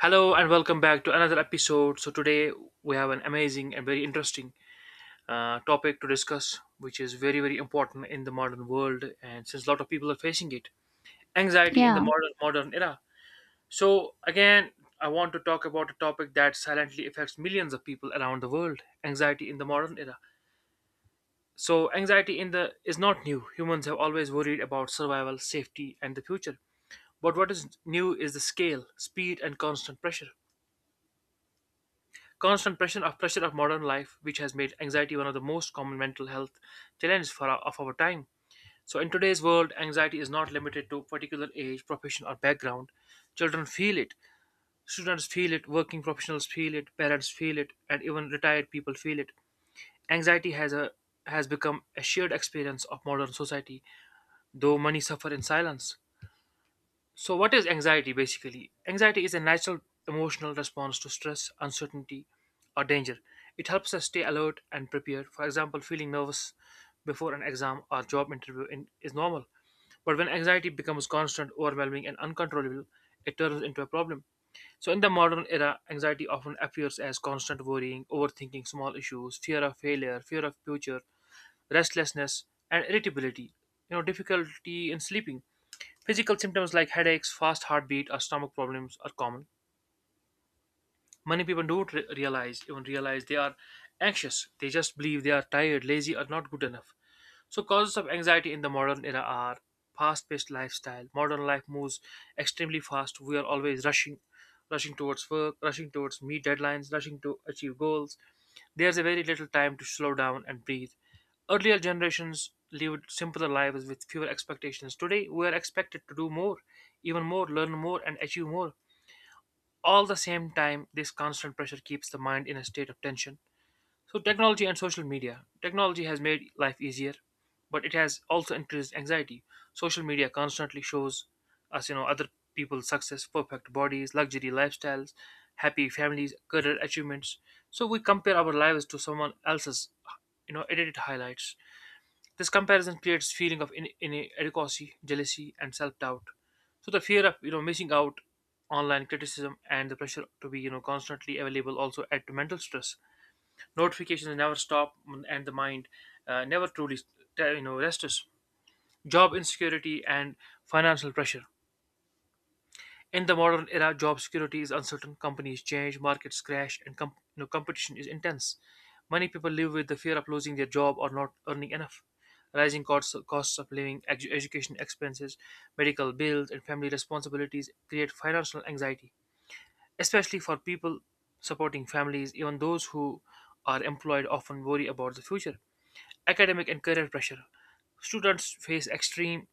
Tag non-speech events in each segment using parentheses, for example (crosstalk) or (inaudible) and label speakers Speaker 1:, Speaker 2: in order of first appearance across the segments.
Speaker 1: Hello and welcome back to another episode. So today we have an amazing and very interesting topic to discuss, which is very important in the modern world, and since a lot of people are facing it, anxiety in the
Speaker 2: Yeah,
Speaker 1: modern era. So again, I want to talk about a topic that silently affects millions of people around the world: anxiety in the modern era. So anxiety in the is not new. Humans have always worried about survival, safety, and the future. But what is new is the scale, speed, and constant pressure. Constant pressure of modern life, which has made anxiety one of the most common mental health challenges for our, of our time. So, in today's world, anxiety is not limited to particular age, profession, or background. Children feel it, students feel it, working professionals feel it, parents feel it, and even retired people feel it. Anxiety has become a shared experience of modern society, though many suffer in silence. So, what is anxiety basically? Anxiety is a natural emotional response to stress, uncertainty, or danger. It helps us stay alert and prepared. For example, feeling nervous before an exam or job interview in, is normal. But when anxiety becomes constant, overwhelming, and uncontrollable, it turns into a problem. So, in the modern era, anxiety often appears as constant worrying, overthinking small issues, fear of failure, fear of future, restlessness, and irritability. You know, difficulty in sleeping. Physical symptoms like headaches, fast heartbeat, or stomach problems are common. Many people don't realize, even realize they are anxious. They just believe they are tired, lazy, or not good enough. So causes of anxiety in the modern era are fast-paced lifestyle. Modern life moves extremely fast. We are always rushing, rushing towards work, rushing towards meet deadlines, rushing to achieve goals. There's a very little time to slow down and breathe. Earlier generations lived simpler lives with fewer expectations. Today we are expected to do more, even more, learn more, and achieve more, all the same time. This constant pressure keeps the mind in a state of tension. So technology and social media. Technology has made life easier, but it has also increased anxiety. Social media constantly shows us other people's success, perfect bodies, luxury lifestyles, happy families, career achievements. So we compare our lives to someone else's edited highlights. This comparison creates feeling of inadequacy, jealousy, and self-doubt. So the fear of missing out, online criticism, and the pressure to be constantly available also add to mental stress. Notifications never stop, and the mind never truly rests. Job insecurity and financial pressure. In the modern era, job security is uncertain, companies change, markets crash, and competition is intense. Many people live with the fear of losing their job or not earning enough. Rising costs, costs of living, education expenses, medical bills, and family responsibilities create financial anxiety, especially for people supporting families. Even those who are employed often worry about the future. Academic and career pressure. Students face extreme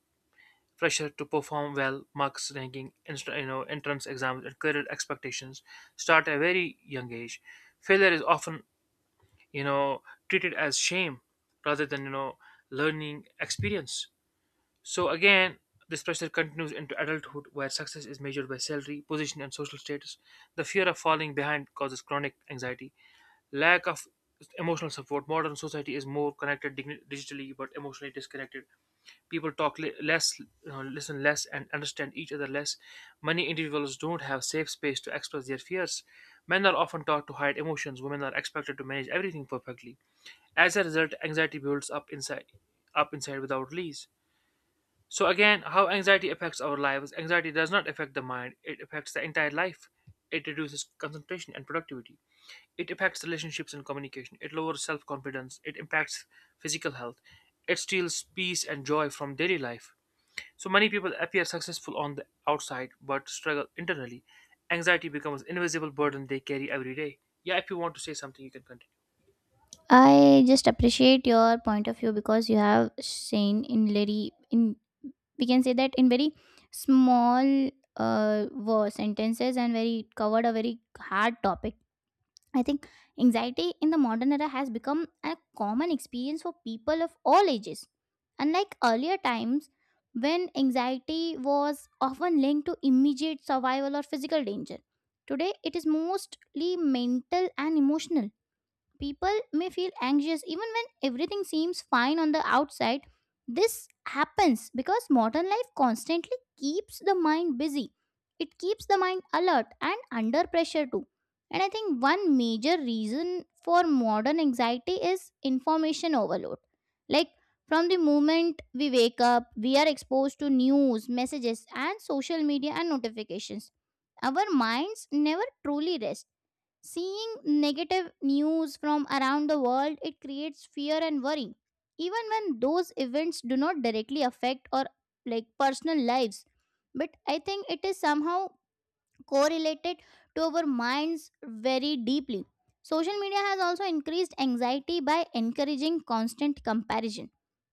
Speaker 1: pressure to perform well, marks ranking, entrance exams, and career expectations start at a very young age. Failure is often, you know, treated as shame rather than, learning experience. So again, this pressure continues into adulthood where success is measured by salary, position, and social status. The fear of falling behind causes chronic anxiety. Lack of emotional support. Modern society is more connected digitally but emotionally disconnected. People talk less, listen less, and understand each other less. Many individuals don't have safe space to express their fears. Men are often taught to hide emotions. Women are expected to manage everything perfectly. As a result, anxiety builds up inside, without release. So again, how anxiety affects our lives. Anxiety does not affect the mind, it affects the entire life. It reduces concentration and productivity. It affects relationships and communication. It lowers self-confidence. It impacts physical health. It steals peace and joy from daily life. So many people appear successful on the outside but struggle internally. Anxiety becomes an invisible burden they carry every day. Yeah, if you want to say something, you can continue.
Speaker 2: I just appreciate your point of view because you have seen in very in we can say that in very small words sentences and very it covered a very hard topic. I think anxiety in the modern era has become a common experience for people of all ages. Unlike earlier times when anxiety was often linked to immediate survival or physical danger, today it is mostly mental and emotional. People may feel anxious even when everything seems fine on the outside. This happens because modern life constantly keeps the mind busy. It keeps the mind alert and under pressure too. And I think one major reason for modern anxiety is information overload. Like from the moment we wake up, we are exposed to news, messages, and social media and notifications. Our minds never truly rest. Seeing negative news from around the world, it creates fear and worry. Even when those events do not directly affect or like personal lives, but I think it is somehow correlated to our minds very deeply. Social media has also increased anxiety by encouraging constant comparison.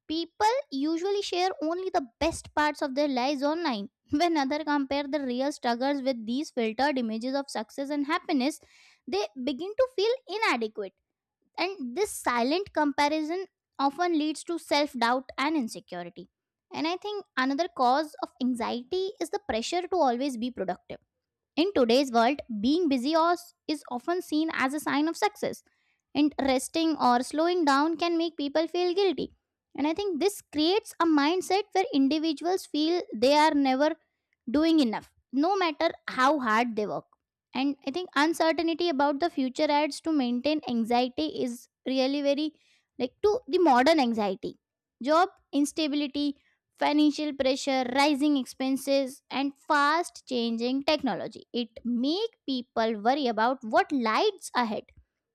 Speaker 2: People usually share only the best parts of their lives online. (laughs) When others compare the real struggles with these filtered images of success and happiness, they begin to feel inadequate. And this silent comparison often leads to self doubt and insecurity. And I think another cause of anxiety is the pressure to always be productive in today's world, being busy or is often seen as a sign of success, and resting or slowing down can make people feel guilty. And I think this creates a mindset where individuals feel they are never doing enough, no matter how hard they work. And I think uncertainty about the future adds to maintain anxiety is really very like to the modern anxiety. Job instability, financial pressure, rising expenses, and fast changing technology. It make people worry about what lies ahead.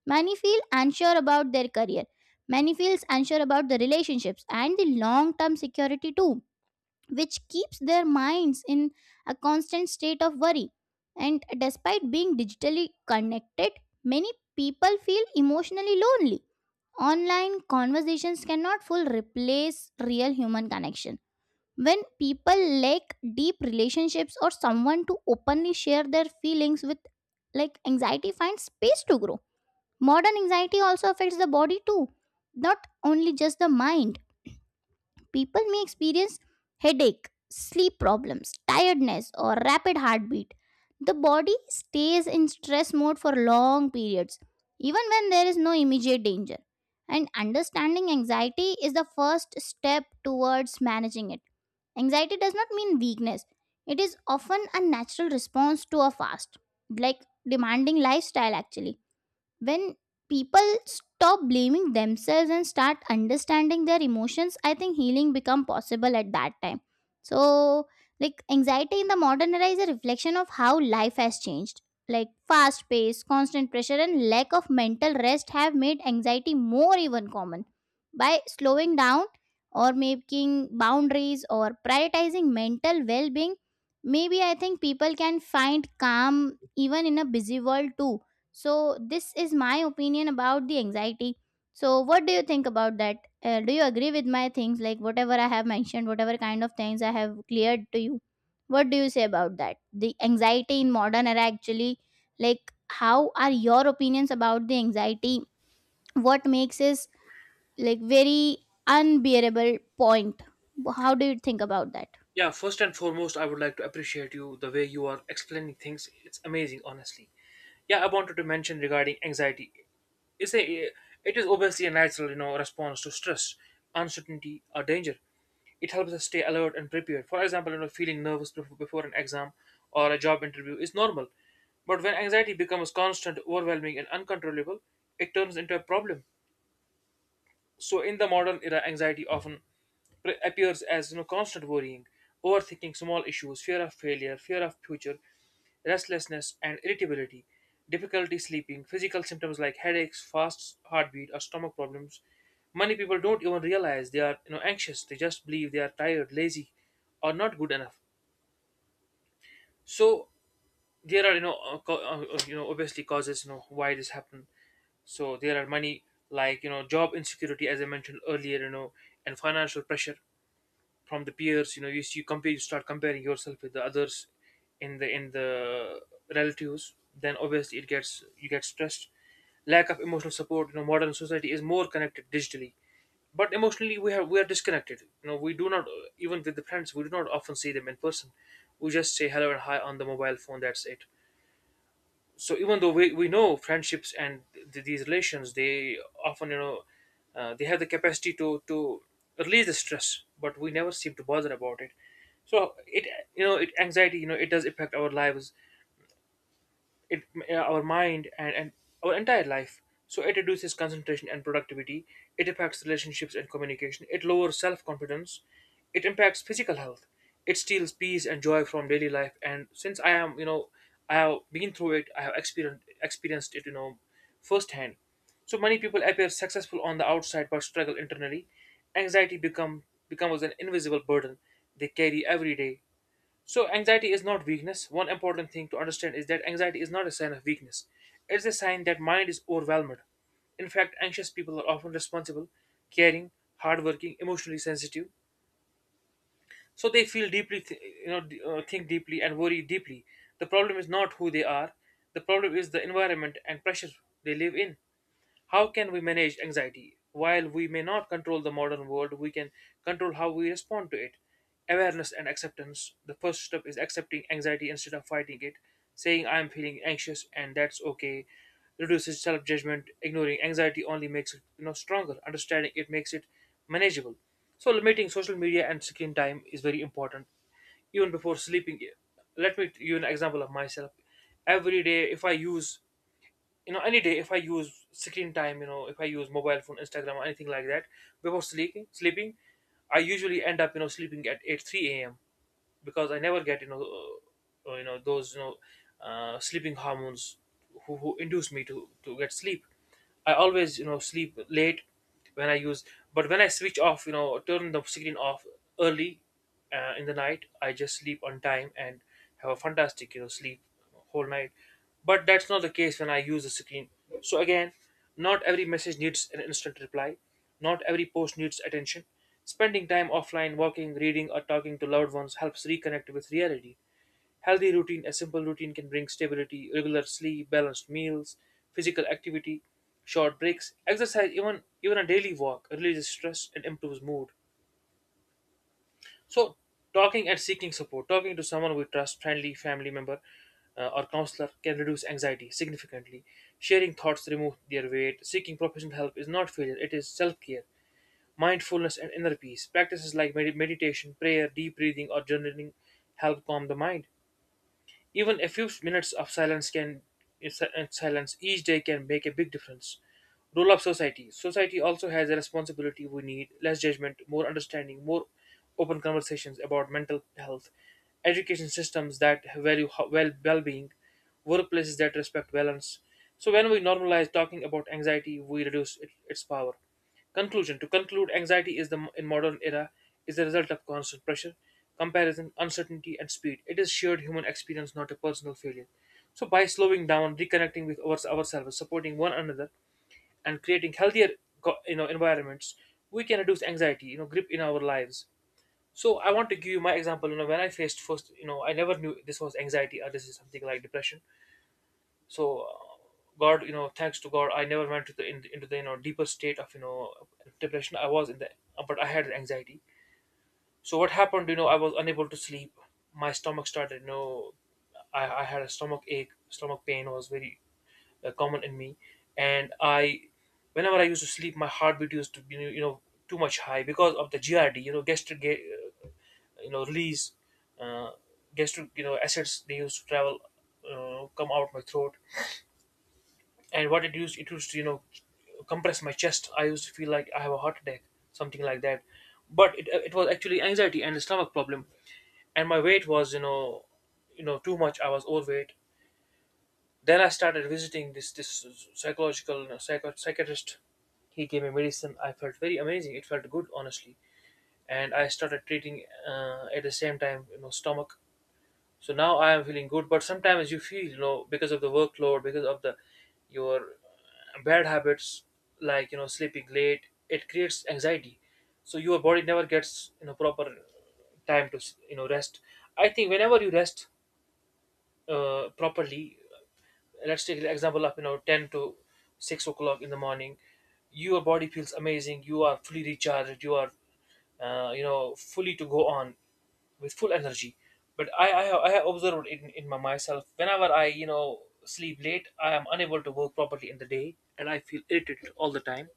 Speaker 2: Many feel unsure about their career. Many feels unsure about the relationships and the long term security too, which keeps their minds in a constant state of worry. And despite being digitally connected, many people feel emotionally lonely. Online conversations cannot fully replace real human connections when people lack deep relationships or someone to openly share their feelings with, like anxiety finds space to grow. Modern anxiety also affects the body too, not only just the mind. People may experience headache, sleep problems, tiredness, or rapid heartbeat. The body stays in stress mode for long periods, even when there is no immediate danger. And understanding anxiety is the first step towards managing it. Anxiety does not mean weakness, it is often a natural response to a fast, like demanding lifestyle, actually when people stop blaming themselves and start understanding their emotions I think healing become possible at that time. So like anxiety in the modern era is a reflection of how life has changed, like fast pace, constant pressure and lack of mental rest have made anxiety more even common. By slowing down or making boundaries or prioritizing mental well-being, maybe I think people can find calm even in a busy world too. So, this is my opinion about the anxiety. So, what do you think about that? Do you agree with my things, like whatever I have mentioned, whatever kind of things I have cleared to you? What do you say about that? The anxiety in modern era, actually, like how are your opinions about the anxiety? What makes this like very unbearable point? How do you think about that?
Speaker 1: Yeah, first and foremost, I would like to appreciate you the way you are explaining things. It's amazing, honestly. Yeah, I wanted to mention regarding anxiety. It's a, it is obviously a natural, response to stress, uncertainty, or danger. It helps us stay alert and prepared. For example, feeling nervous before an exam or a job interview is normal. But when anxiety becomes constant, overwhelming, and uncontrollable, it turns into a problem. So in the modern era, anxiety often appears as constant worrying, overthinking small issues, fear of failure, fear of future, restlessness and irritability, difficulty sleeping, physical symptoms like headaches, fast heartbeat or stomach problems. Many people don't even realize they are anxious. They just believe they are tired, lazy, or not good enough. So there are obviously causes why this happened. So there are many, job insecurity as I mentioned earlier, and financial pressure from the peers. You know, you compare, you start comparing yourself with the others in the relatives, then obviously it gets, you get stressed. Lack of emotional support. You know, modern society is more connected digitally but emotionally we are disconnected. You know, we do not, even with the friends, we do not often see them in person. We just say hello and hi on the mobile phone, that's it. So even though we know friendships and these relations, they often they have the capacity to release the stress, but we never seem to bother about it. So it, anxiety, it does affect our lives. It, our mind, and our entire life. So it reduces concentration and productivity. It affects relationships and communication. It lowers self-confidence. It impacts physical health. It steals peace and joy from daily life. And since I am, I have been through it, I have experienced it, you know, firsthand. So many people appear successful on the outside but struggle internally. Anxiety becomes an invisible burden they carry every day. So, anxiety is not weakness. One important thing to understand is that anxiety is not a sign of weakness. It's a sign that mind is overwhelmed. In fact, anxious people are often responsible, caring, hardworking, emotionally sensitive. So they feel deeply, think deeply and worry deeply. The problem is not who they are. The problem is the environment and pressure they live in. How can we manage anxiety? While we may not control the modern world, we can control how we respond to it. Awareness and acceptance. The first step is accepting anxiety instead of fighting it. Saying, I am feeling anxious and that's okay reduces self judgment. Ignoring anxiety only makes it, stronger. Understanding it makes it manageable. So, limiting social media and screen time is very important, even before sleeping. Let me give you an example of myself. Every day, if I use, any day, if I use screen time, you know, if I use mobile phone, Instagram, or anything like that before sleeping, I usually end up, you know, sleeping at 8 3 a.m. because I never get, you know, those, sleeping hormones who induce me to get sleep. I always, you know, sleep late when I use, but when I switch off, you know, turn the screen off early, in the night, I just sleep on time and have a fantastic, you know, sleep whole night. But that's not the case when I use the screen. So again, not every message needs an instant reply. Not every post needs attention. Spending time offline, walking, reading, or talking to loved ones helps reconnect with reality. Healthy routine, a simple routine can bring stability, regular sleep, balanced meals, physical activity, short breaks, exercise, even a daily walk releases stress and improves mood. So, talking and seeking support, talking to someone we trust, friendly family member or counselor can reduce anxiety significantly. Sharing thoughts remove their weight. Seeking professional help is not failure; it is self-care. Mindfulness and inner peace. Practices like meditation, prayer, deep breathing, or journaling help calm the mind. Even a few minutes of silence can in silence each day can make a big difference. Role of society. Society also has a responsibility. We need less judgment, more understanding, more open conversations about mental health, education systems that value well well-being, workplaces that respect balance. So when we normalize talking about anxiety, we reduce its power. Conclusion. To conclude, anxiety is the in modern era is the result of constant pressure, comparison, uncertainty, and speed. It is shared human experience, not a personal failure. So by slowing down, reconnecting with ourselves, supporting one another, and creating healthier environments, we can reduce anxiety, you know, grip in our lives. So I want to give you my example. When I faced first, I never knew this was anxiety or this is something like depression so god, thanks to god, I never went into the deeper state of depression. I was in the, but I had anxiety. So what happened? I was unable to sleep. My stomach started, I had a stomach ache, stomach pain was very common in me. And I, whenever I used to sleep, my heartbeat used to be, too much high because of the grd you know gastric release, uh, gastric acids. They used to travel, come out my throat, and what it used to, compress my chest. I used to feel like I have a heart attack, something like that, but it was actually anxiety and a stomach problem. And my weight was, too much. I was overweight. Then I started visiting this psychological you know, psycho- psychiatrist. He gave me medicine. I felt very amazing. It felt good, honestly. And I started treating, at the same time, stomach. So now I am feeling good, but sometimes you feel, because of the workload, because of the your bad habits, like sleeping late, it creates anxiety. So your body never gets, proper time to, rest. I think whenever you rest properly, let's take the example of, 10 to 6 o'clock in the morning. Your body feels amazing. You are fully recharged. You are fully to go on with full energy. But I have observed in myself, whenever I, sleep late, I am unable to work properly in the day, and I feel irritated all the time.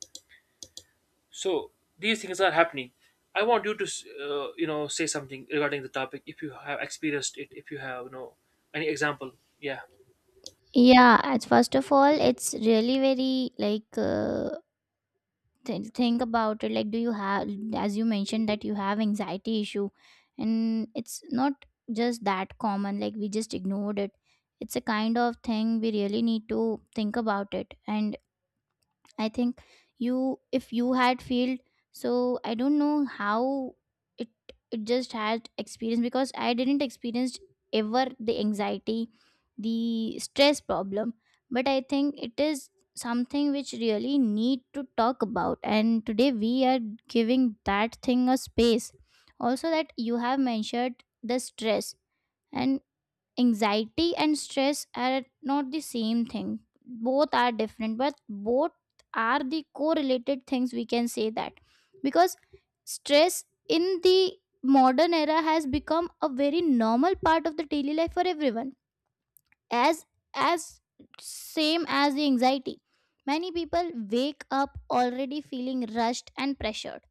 Speaker 1: So these things are happening. I want you to say something regarding the topic, if you have experienced it, if you have, any example. Yeah.
Speaker 2: Yeah, as first of all, it's really very like think about it, like do you have, as you mentioned, that you have anxiety issue and it's not just that common like we just ignored it. It's a kind of thing we really need to think about, it and I think you, if you had failed, so I don't know how it it just had experience because I didn't experience ever the anxiety, the stress problem. But I think it is something which really need to talk about, and today we are giving that thing a space. Also that you have mentioned the stress. And anxiety and stress are not the same thing. Both are different, but both are the correlated things we can say that. Because stress in the modern era has become a very normal part of the daily life for everyone. As as same as the anxiety. Many people wake up already feeling rushed and pressured.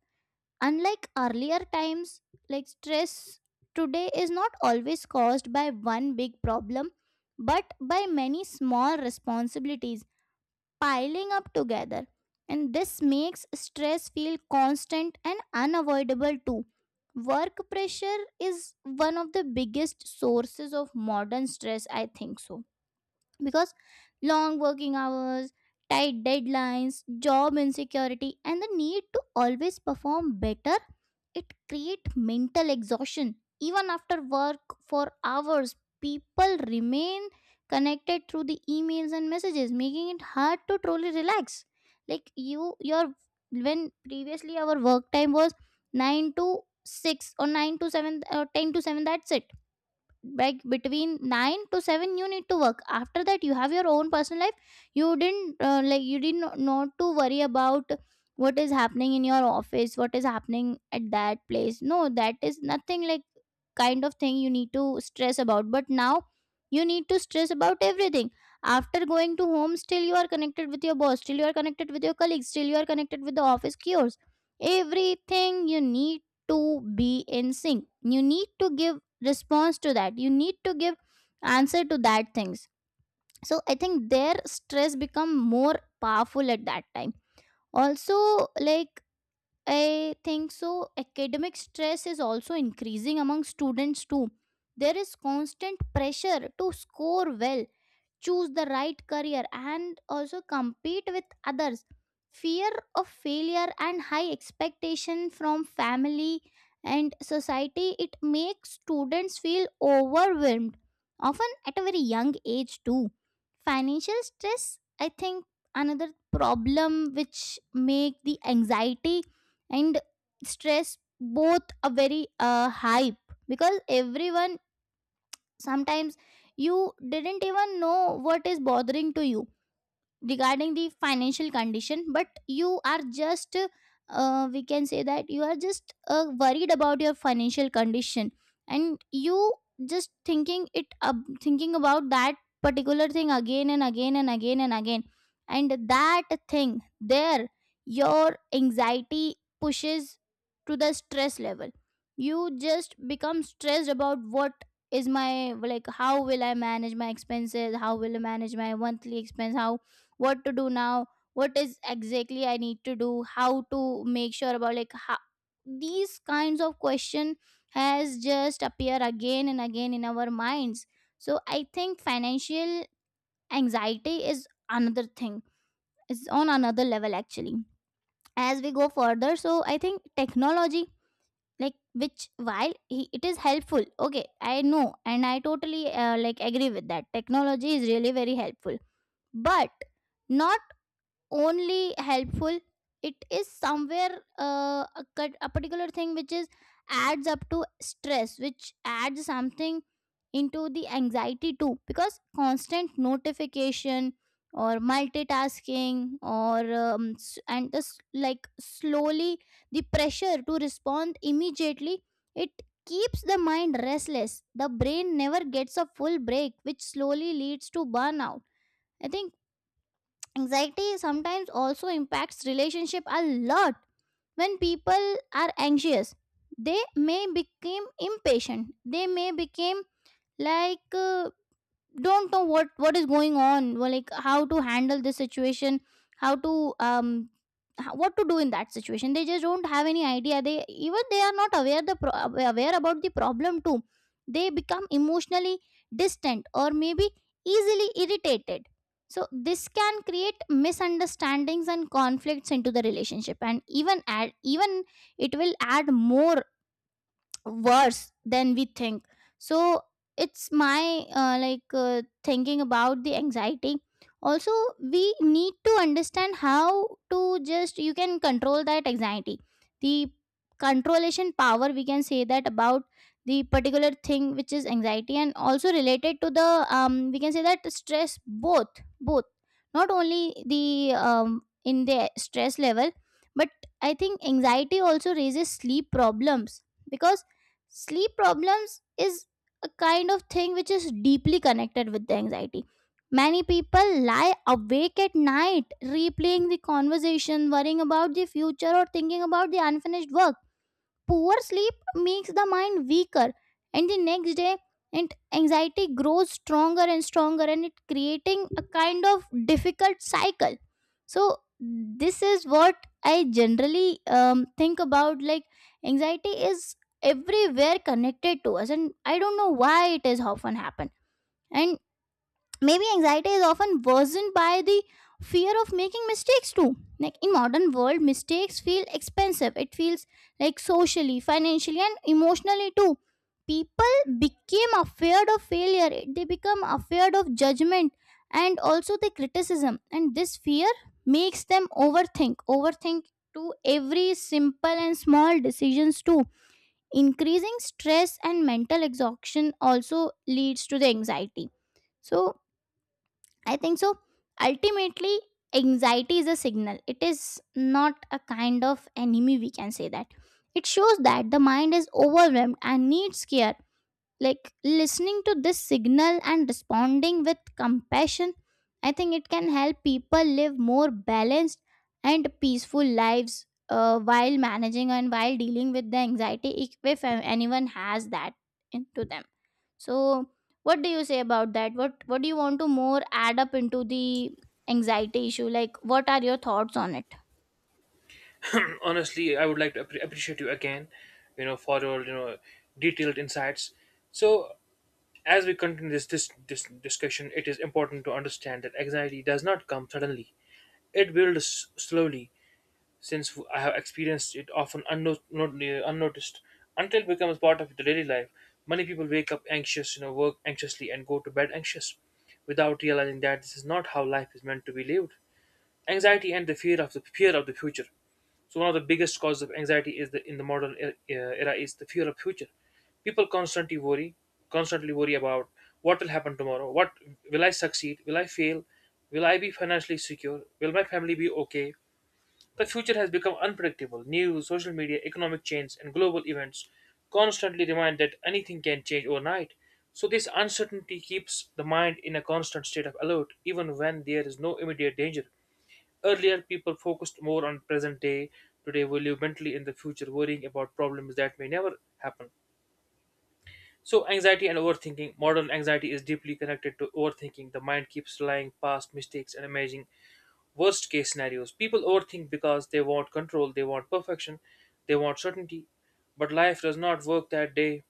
Speaker 2: Unlike earlier times, like stress today is not always caused by one big problem, but by many small responsibilities piling up together. And this makes stress feel constant and unavoidable too. Work pressure is one of the biggest sources of modern stress, I think so, because long working hours, tight deadlines, job insecurity, and the need to always perform better, it create mental exhaustion. Even after work for hours, people remain connected through the emails and messages, making it hard to truly relax. Like you, your when previously our work time was nine to six or nine to seven or ten to seven. That's it. Like between 9 to 7 you need to work. After that you have your own personal life. You didn't like you didn't not to worry about what is happening in your office, what is happening at that place. No, that is nothing like kind of thing you need to stress about. But now you need to stress about everything. After going to home, still you are connected with your boss, still you are connected with your colleagues, still you are connected with the office cures. Everything you need to be in sync. You need to give response to that. You need to give answer to that things. So I think their stress become more powerful at that time. Also, like I think so academic stress is also increasing among students too. There is constant pressure to score well, choose the right career and also compete with others. Fear of failure and high expectation from family and society, it makes students feel overwhelmed, often at a very young age too. Financial stress, I think another problem which make the anxiety and stress both a very hype, because everyone, sometimes you didn't even know what is bothering to you regarding the financial condition, but you are just we can say that you are just worried about your financial condition. And you just thinking it up, thinking about that particular thing again and again and again and again. And that thing there, your anxiety pushes to the stress level. You just become stressed about what is my, like how will I manage my expenses, how will I manage my monthly expense, how, what to do now, what is exactly I need to do, how to make sure about, like how, these kinds of question has just appear again and again in our minds. So I think financial anxiety is another thing. It's on another level actually. As we go further, so I think technology, like which it is helpful, okay, I know, and I totally like agree with that technology is really very helpful. But not only helpful, it is somewhere a particular thing which is adds up to stress, which adds something into the anxiety too, because constant notification or multitasking or and this like slowly the pressure to respond immediately, it keeps the mind restless. The brain never gets a full break, which slowly leads to burnout, I think. Anxiety sometimes also impacts relationship a lot. When people are anxious, they may become impatient. They may become like don't know what is going on, well, like how to handle this situation, how to um what to do in that situation. They just don't have any idea. They even they are not aware the aware about the problem too. They become emotionally distant or maybe easily irritated. So this can create misunderstandings and conflicts into the relationship, and even add, even it will add more worse than we think. So it's my thinking about the anxiety. Also, we need to understand how to just you can control that anxiety, the controlation power we can say that about the particular thing which is anxiety and also related to the we can say that stress, both both not only the in the stress level, but I think anxiety also raises sleep problems. Because sleep problems is a kind of thing which is deeply connected with the anxiety. Many people lie awake at night replaying the conversation, worrying about the future or thinking about the unfinished work. Poor sleep makes the mind weaker, and the next day, and anxiety grows stronger and stronger, and it creating a kind of difficult cycle. So this is what I generally think about. Like anxiety is everywhere connected to us, and I don't know why it is often happen. And maybe anxiety is often worsened by the fear of making mistakes too. Like in modern world, mistakes feel expensive. It feels like socially, financially, and emotionally too. People became afraid of failure. They become afraid of judgment and also the criticism. And this fear makes them overthink. To every simple and small decisions too. Increasing stress and mental exhaustion also leads to the anxiety. So I think so. Ultimately, anxiety is a signal. It is not a kind of enemy, we can say that. It shows that the mind is overwhelmed and needs care, like listening to this signal and responding with compassion. I think it can help people live more balanced and peaceful lives, while managing and while dealing with the anxiety, if anyone has that into them. So what do you say about that? What do you want to more add up into the anxiety issue, like what are your thoughts on it?
Speaker 1: (clears throat) Honestly, I would like to appreciate you again, for your detailed insights. So, as we continue this discussion, it is important to understand that anxiety does not come suddenly. It builds slowly, since I have experienced it often unnoticed, until it becomes part of the daily life. Many people wake up anxious, work anxiously, and go to bed anxious without realizing that this is not how life is meant to be lived. Anxiety and the fear of the future. So one of the biggest causes of anxiety is the in the era is the fear of future. People constantly worry, constantly worry about what will happen tomorrow. What Will I succeed? Will I fail? Will I be financially secure? Will my family be okay? The future has become unpredictable. News, social media, economic change, and global events constantly remind that anything can change overnight. So this uncertainty keeps the mind in a constant state of alert, even when there is no immediate danger. Earlier, people focused more on present day. Today, we live mentally in the future, worrying about problems that may never happen. So, anxiety and overthinking. Modern anxiety is deeply connected to overthinking. The mind keeps relying past mistakes and imagining worst case scenarios. People overthink because they want control, they want perfection, they want certainty. But life does not work that day.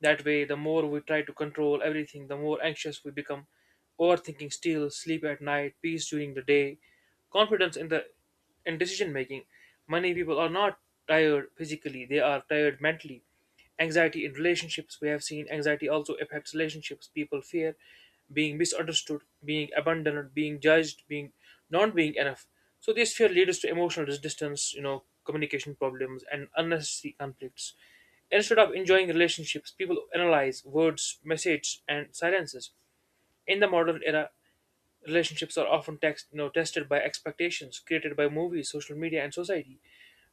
Speaker 1: That way, the more we try to control everything, the more anxious we become. Overthinking steals sleep at night, peace during the day, confidence in decision making. Many people are not tired physically, they are tired mentally. Anxiety in relationships, we have seen anxiety also affects relationships. People fear being misunderstood, being abandoned, being judged, being not being enough. So this fear leads to emotional distance, communication problems and unnecessary conflicts. Instead of enjoying relationships, people analyze words, messages, and silences. In the modern era, relationships are often tested by expectations created by movies, social media, and society.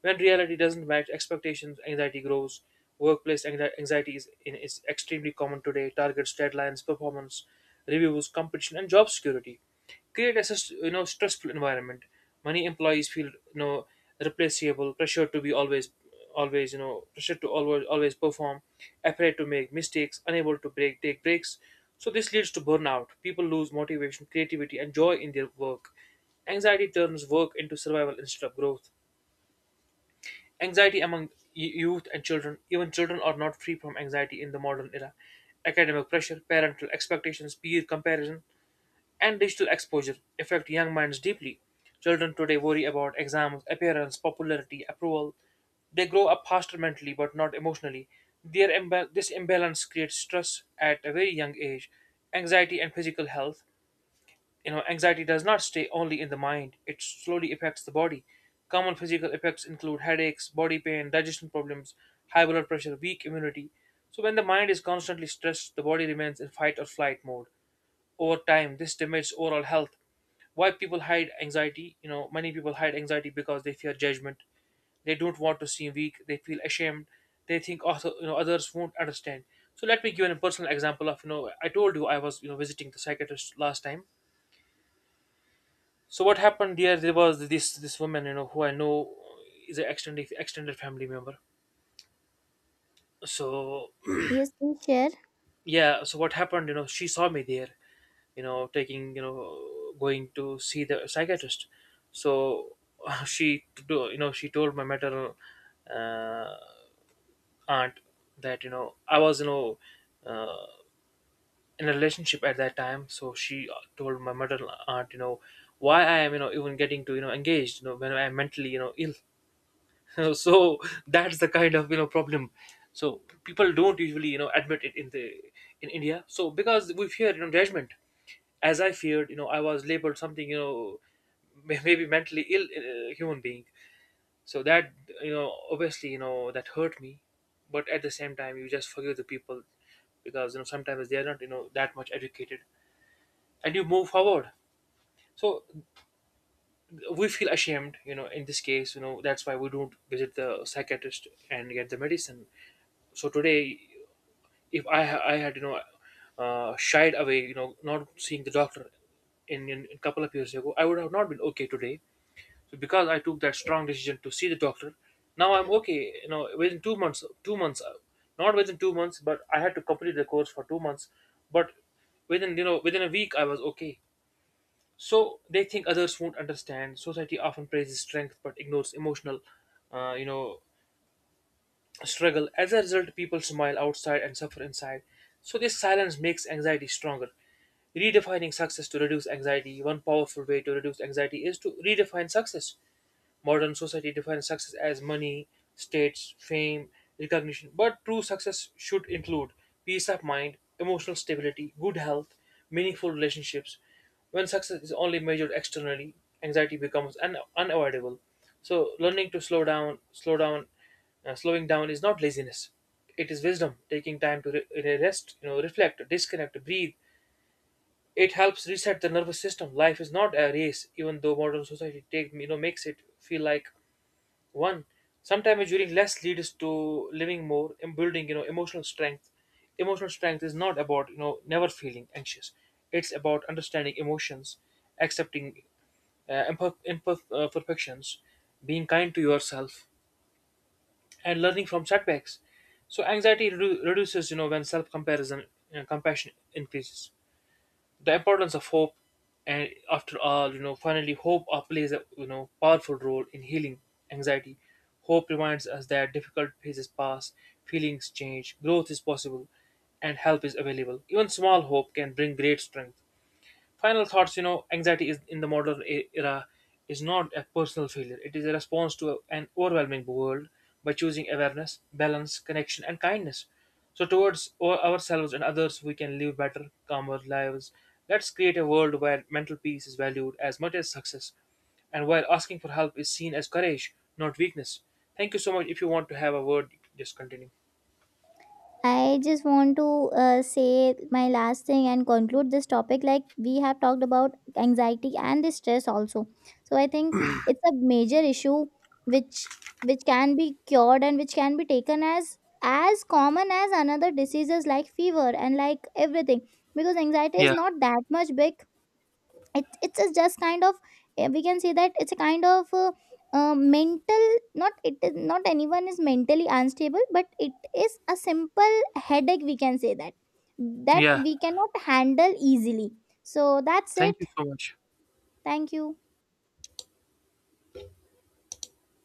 Speaker 1: When reality doesn't match expectations, anxiety grows. Workplace anxiety is extremely common today. Targets, deadlines, performance, reviews, competition, and job security create a stressful environment. Many employees feel, replaceable. Pressure to be always always you know pressure to always perform, afraid to make mistakes, unable to break take breaks. So this leads to burnout. People lose motivation, creativity and joy in their work. Anxiety turns work into survival instead of growth. Anxiety among youth and children, even children are not free from anxiety in the modern era. Academic pressure, parental expectations, peer comparison, and digital exposure affect young minds deeply. Children today worry about exams, appearance, popularity, approval. They grow up faster mentally but not emotionally. This imbalance creates stress at a very young age, anxiety, and physical health. Anxiety does not stay only in the mind, it slowly affects the body. Common physical effects include headaches, body pain, digestion problems, high blood pressure, weak immunity. So when the mind is constantly stressed, the body remains in fight or flight mode. Over time, this damages overall health. Why people hide anxiety? Many people hide anxiety because they fear judgment. They don't want to seem weak. They feel ashamed. They think also, others won't understand. So let me give you a personal example of, I told you I was, visiting the psychiatrist last time. So what happened here? There was this woman, who I know is an extended family member. So
Speaker 2: Yes, please share.
Speaker 1: yeah, so what happened? She saw me there, going to see the psychiatrist. So (laughs) she, to- you know, she told my maternal uh, aunt that, I was, uh, in a relationship at that time. So she told my maternal aunt, why I am, even getting to, engaged, when I am mentally, ill. (laughs) So that's the kind of, problem. So people don't usually, admit it in India. So because we fear, judgment. As I feared, I was labeled something, maybe mentally ill human being. So that, you know obviously you know that hurt me. But at the same time, you just forgive the people, because, sometimes they are not, that much educated, and you move forward. So we feel ashamed, in this case, that's why we don't visit the psychiatrist and get the medicine. So today, if I had, shied away, not seeing the doctor in a couple of years ago, I would have not been okay today. So because I took that strong decision to see the doctor, now I'm okay. Within 2 months not within 2 months, but I had to complete the course for 2 months. But within you know within a week I was okay. So they think others won't understand. Society often praises strength but ignores emotional uh, you know struggle. As a result, people smile outside and suffer inside. So this silence makes anxiety stronger. Redefining success to reduce anxiety. One powerful way to reduce anxiety is to redefine success. Modern society defines success as money, status, fame, recognition, but true success should include peace of mind, emotional stability, good health, meaningful relationships. When success is only measured externally, anxiety becomes unavoidable. So learning to slow down, slowing down is not laziness. It is wisdom, taking time to rest, reflect, disconnect, breathe. It helps reset the nervous system. Life is not a race, even though modern society makes it feel like one, sometimes during less leads to living more and building, emotional strength. Emotional strength is not about, never feeling anxious. It's about understanding emotions, accepting perfections, being kind to yourself, and learning from setbacks. So anxiety reduces, when self-comparison, compassion increases the importance of hope. And after all, finally hope plays a, powerful role in healing anxiety. Hope reminds us that difficult phases pass, feelings change, growth is possible, and help is available. Even small hope can bring great strength. Final thoughts. Anxiety is in the era is not a personal failure, it is a response to an overwhelming world. By choosing awareness, balance, connection and kindness, so towards ourselves and others, we can live better, calmer lives. Let's create a world where mental peace is valued as much as success, and where asking for help is seen as courage, not weakness. Thank you so much. If you want to have a word, you can just continue.
Speaker 2: I just want to say my last thing and conclude this topic. Like we have talked about anxiety and the stress also, so I think it's a major issue which can be cured and which can be taken as common as another diseases like fever and like everything. Because anxiety is
Speaker 1: yeah
Speaker 2: not that much big. It's a just kind of we can say that it's a kind of mental, not it is not anyone is mentally unstable, but it is a simple headache we can say that, that
Speaker 1: yeah,
Speaker 2: we cannot handle easily. So that's it.
Speaker 1: thank you so much.
Speaker 2: Thank you.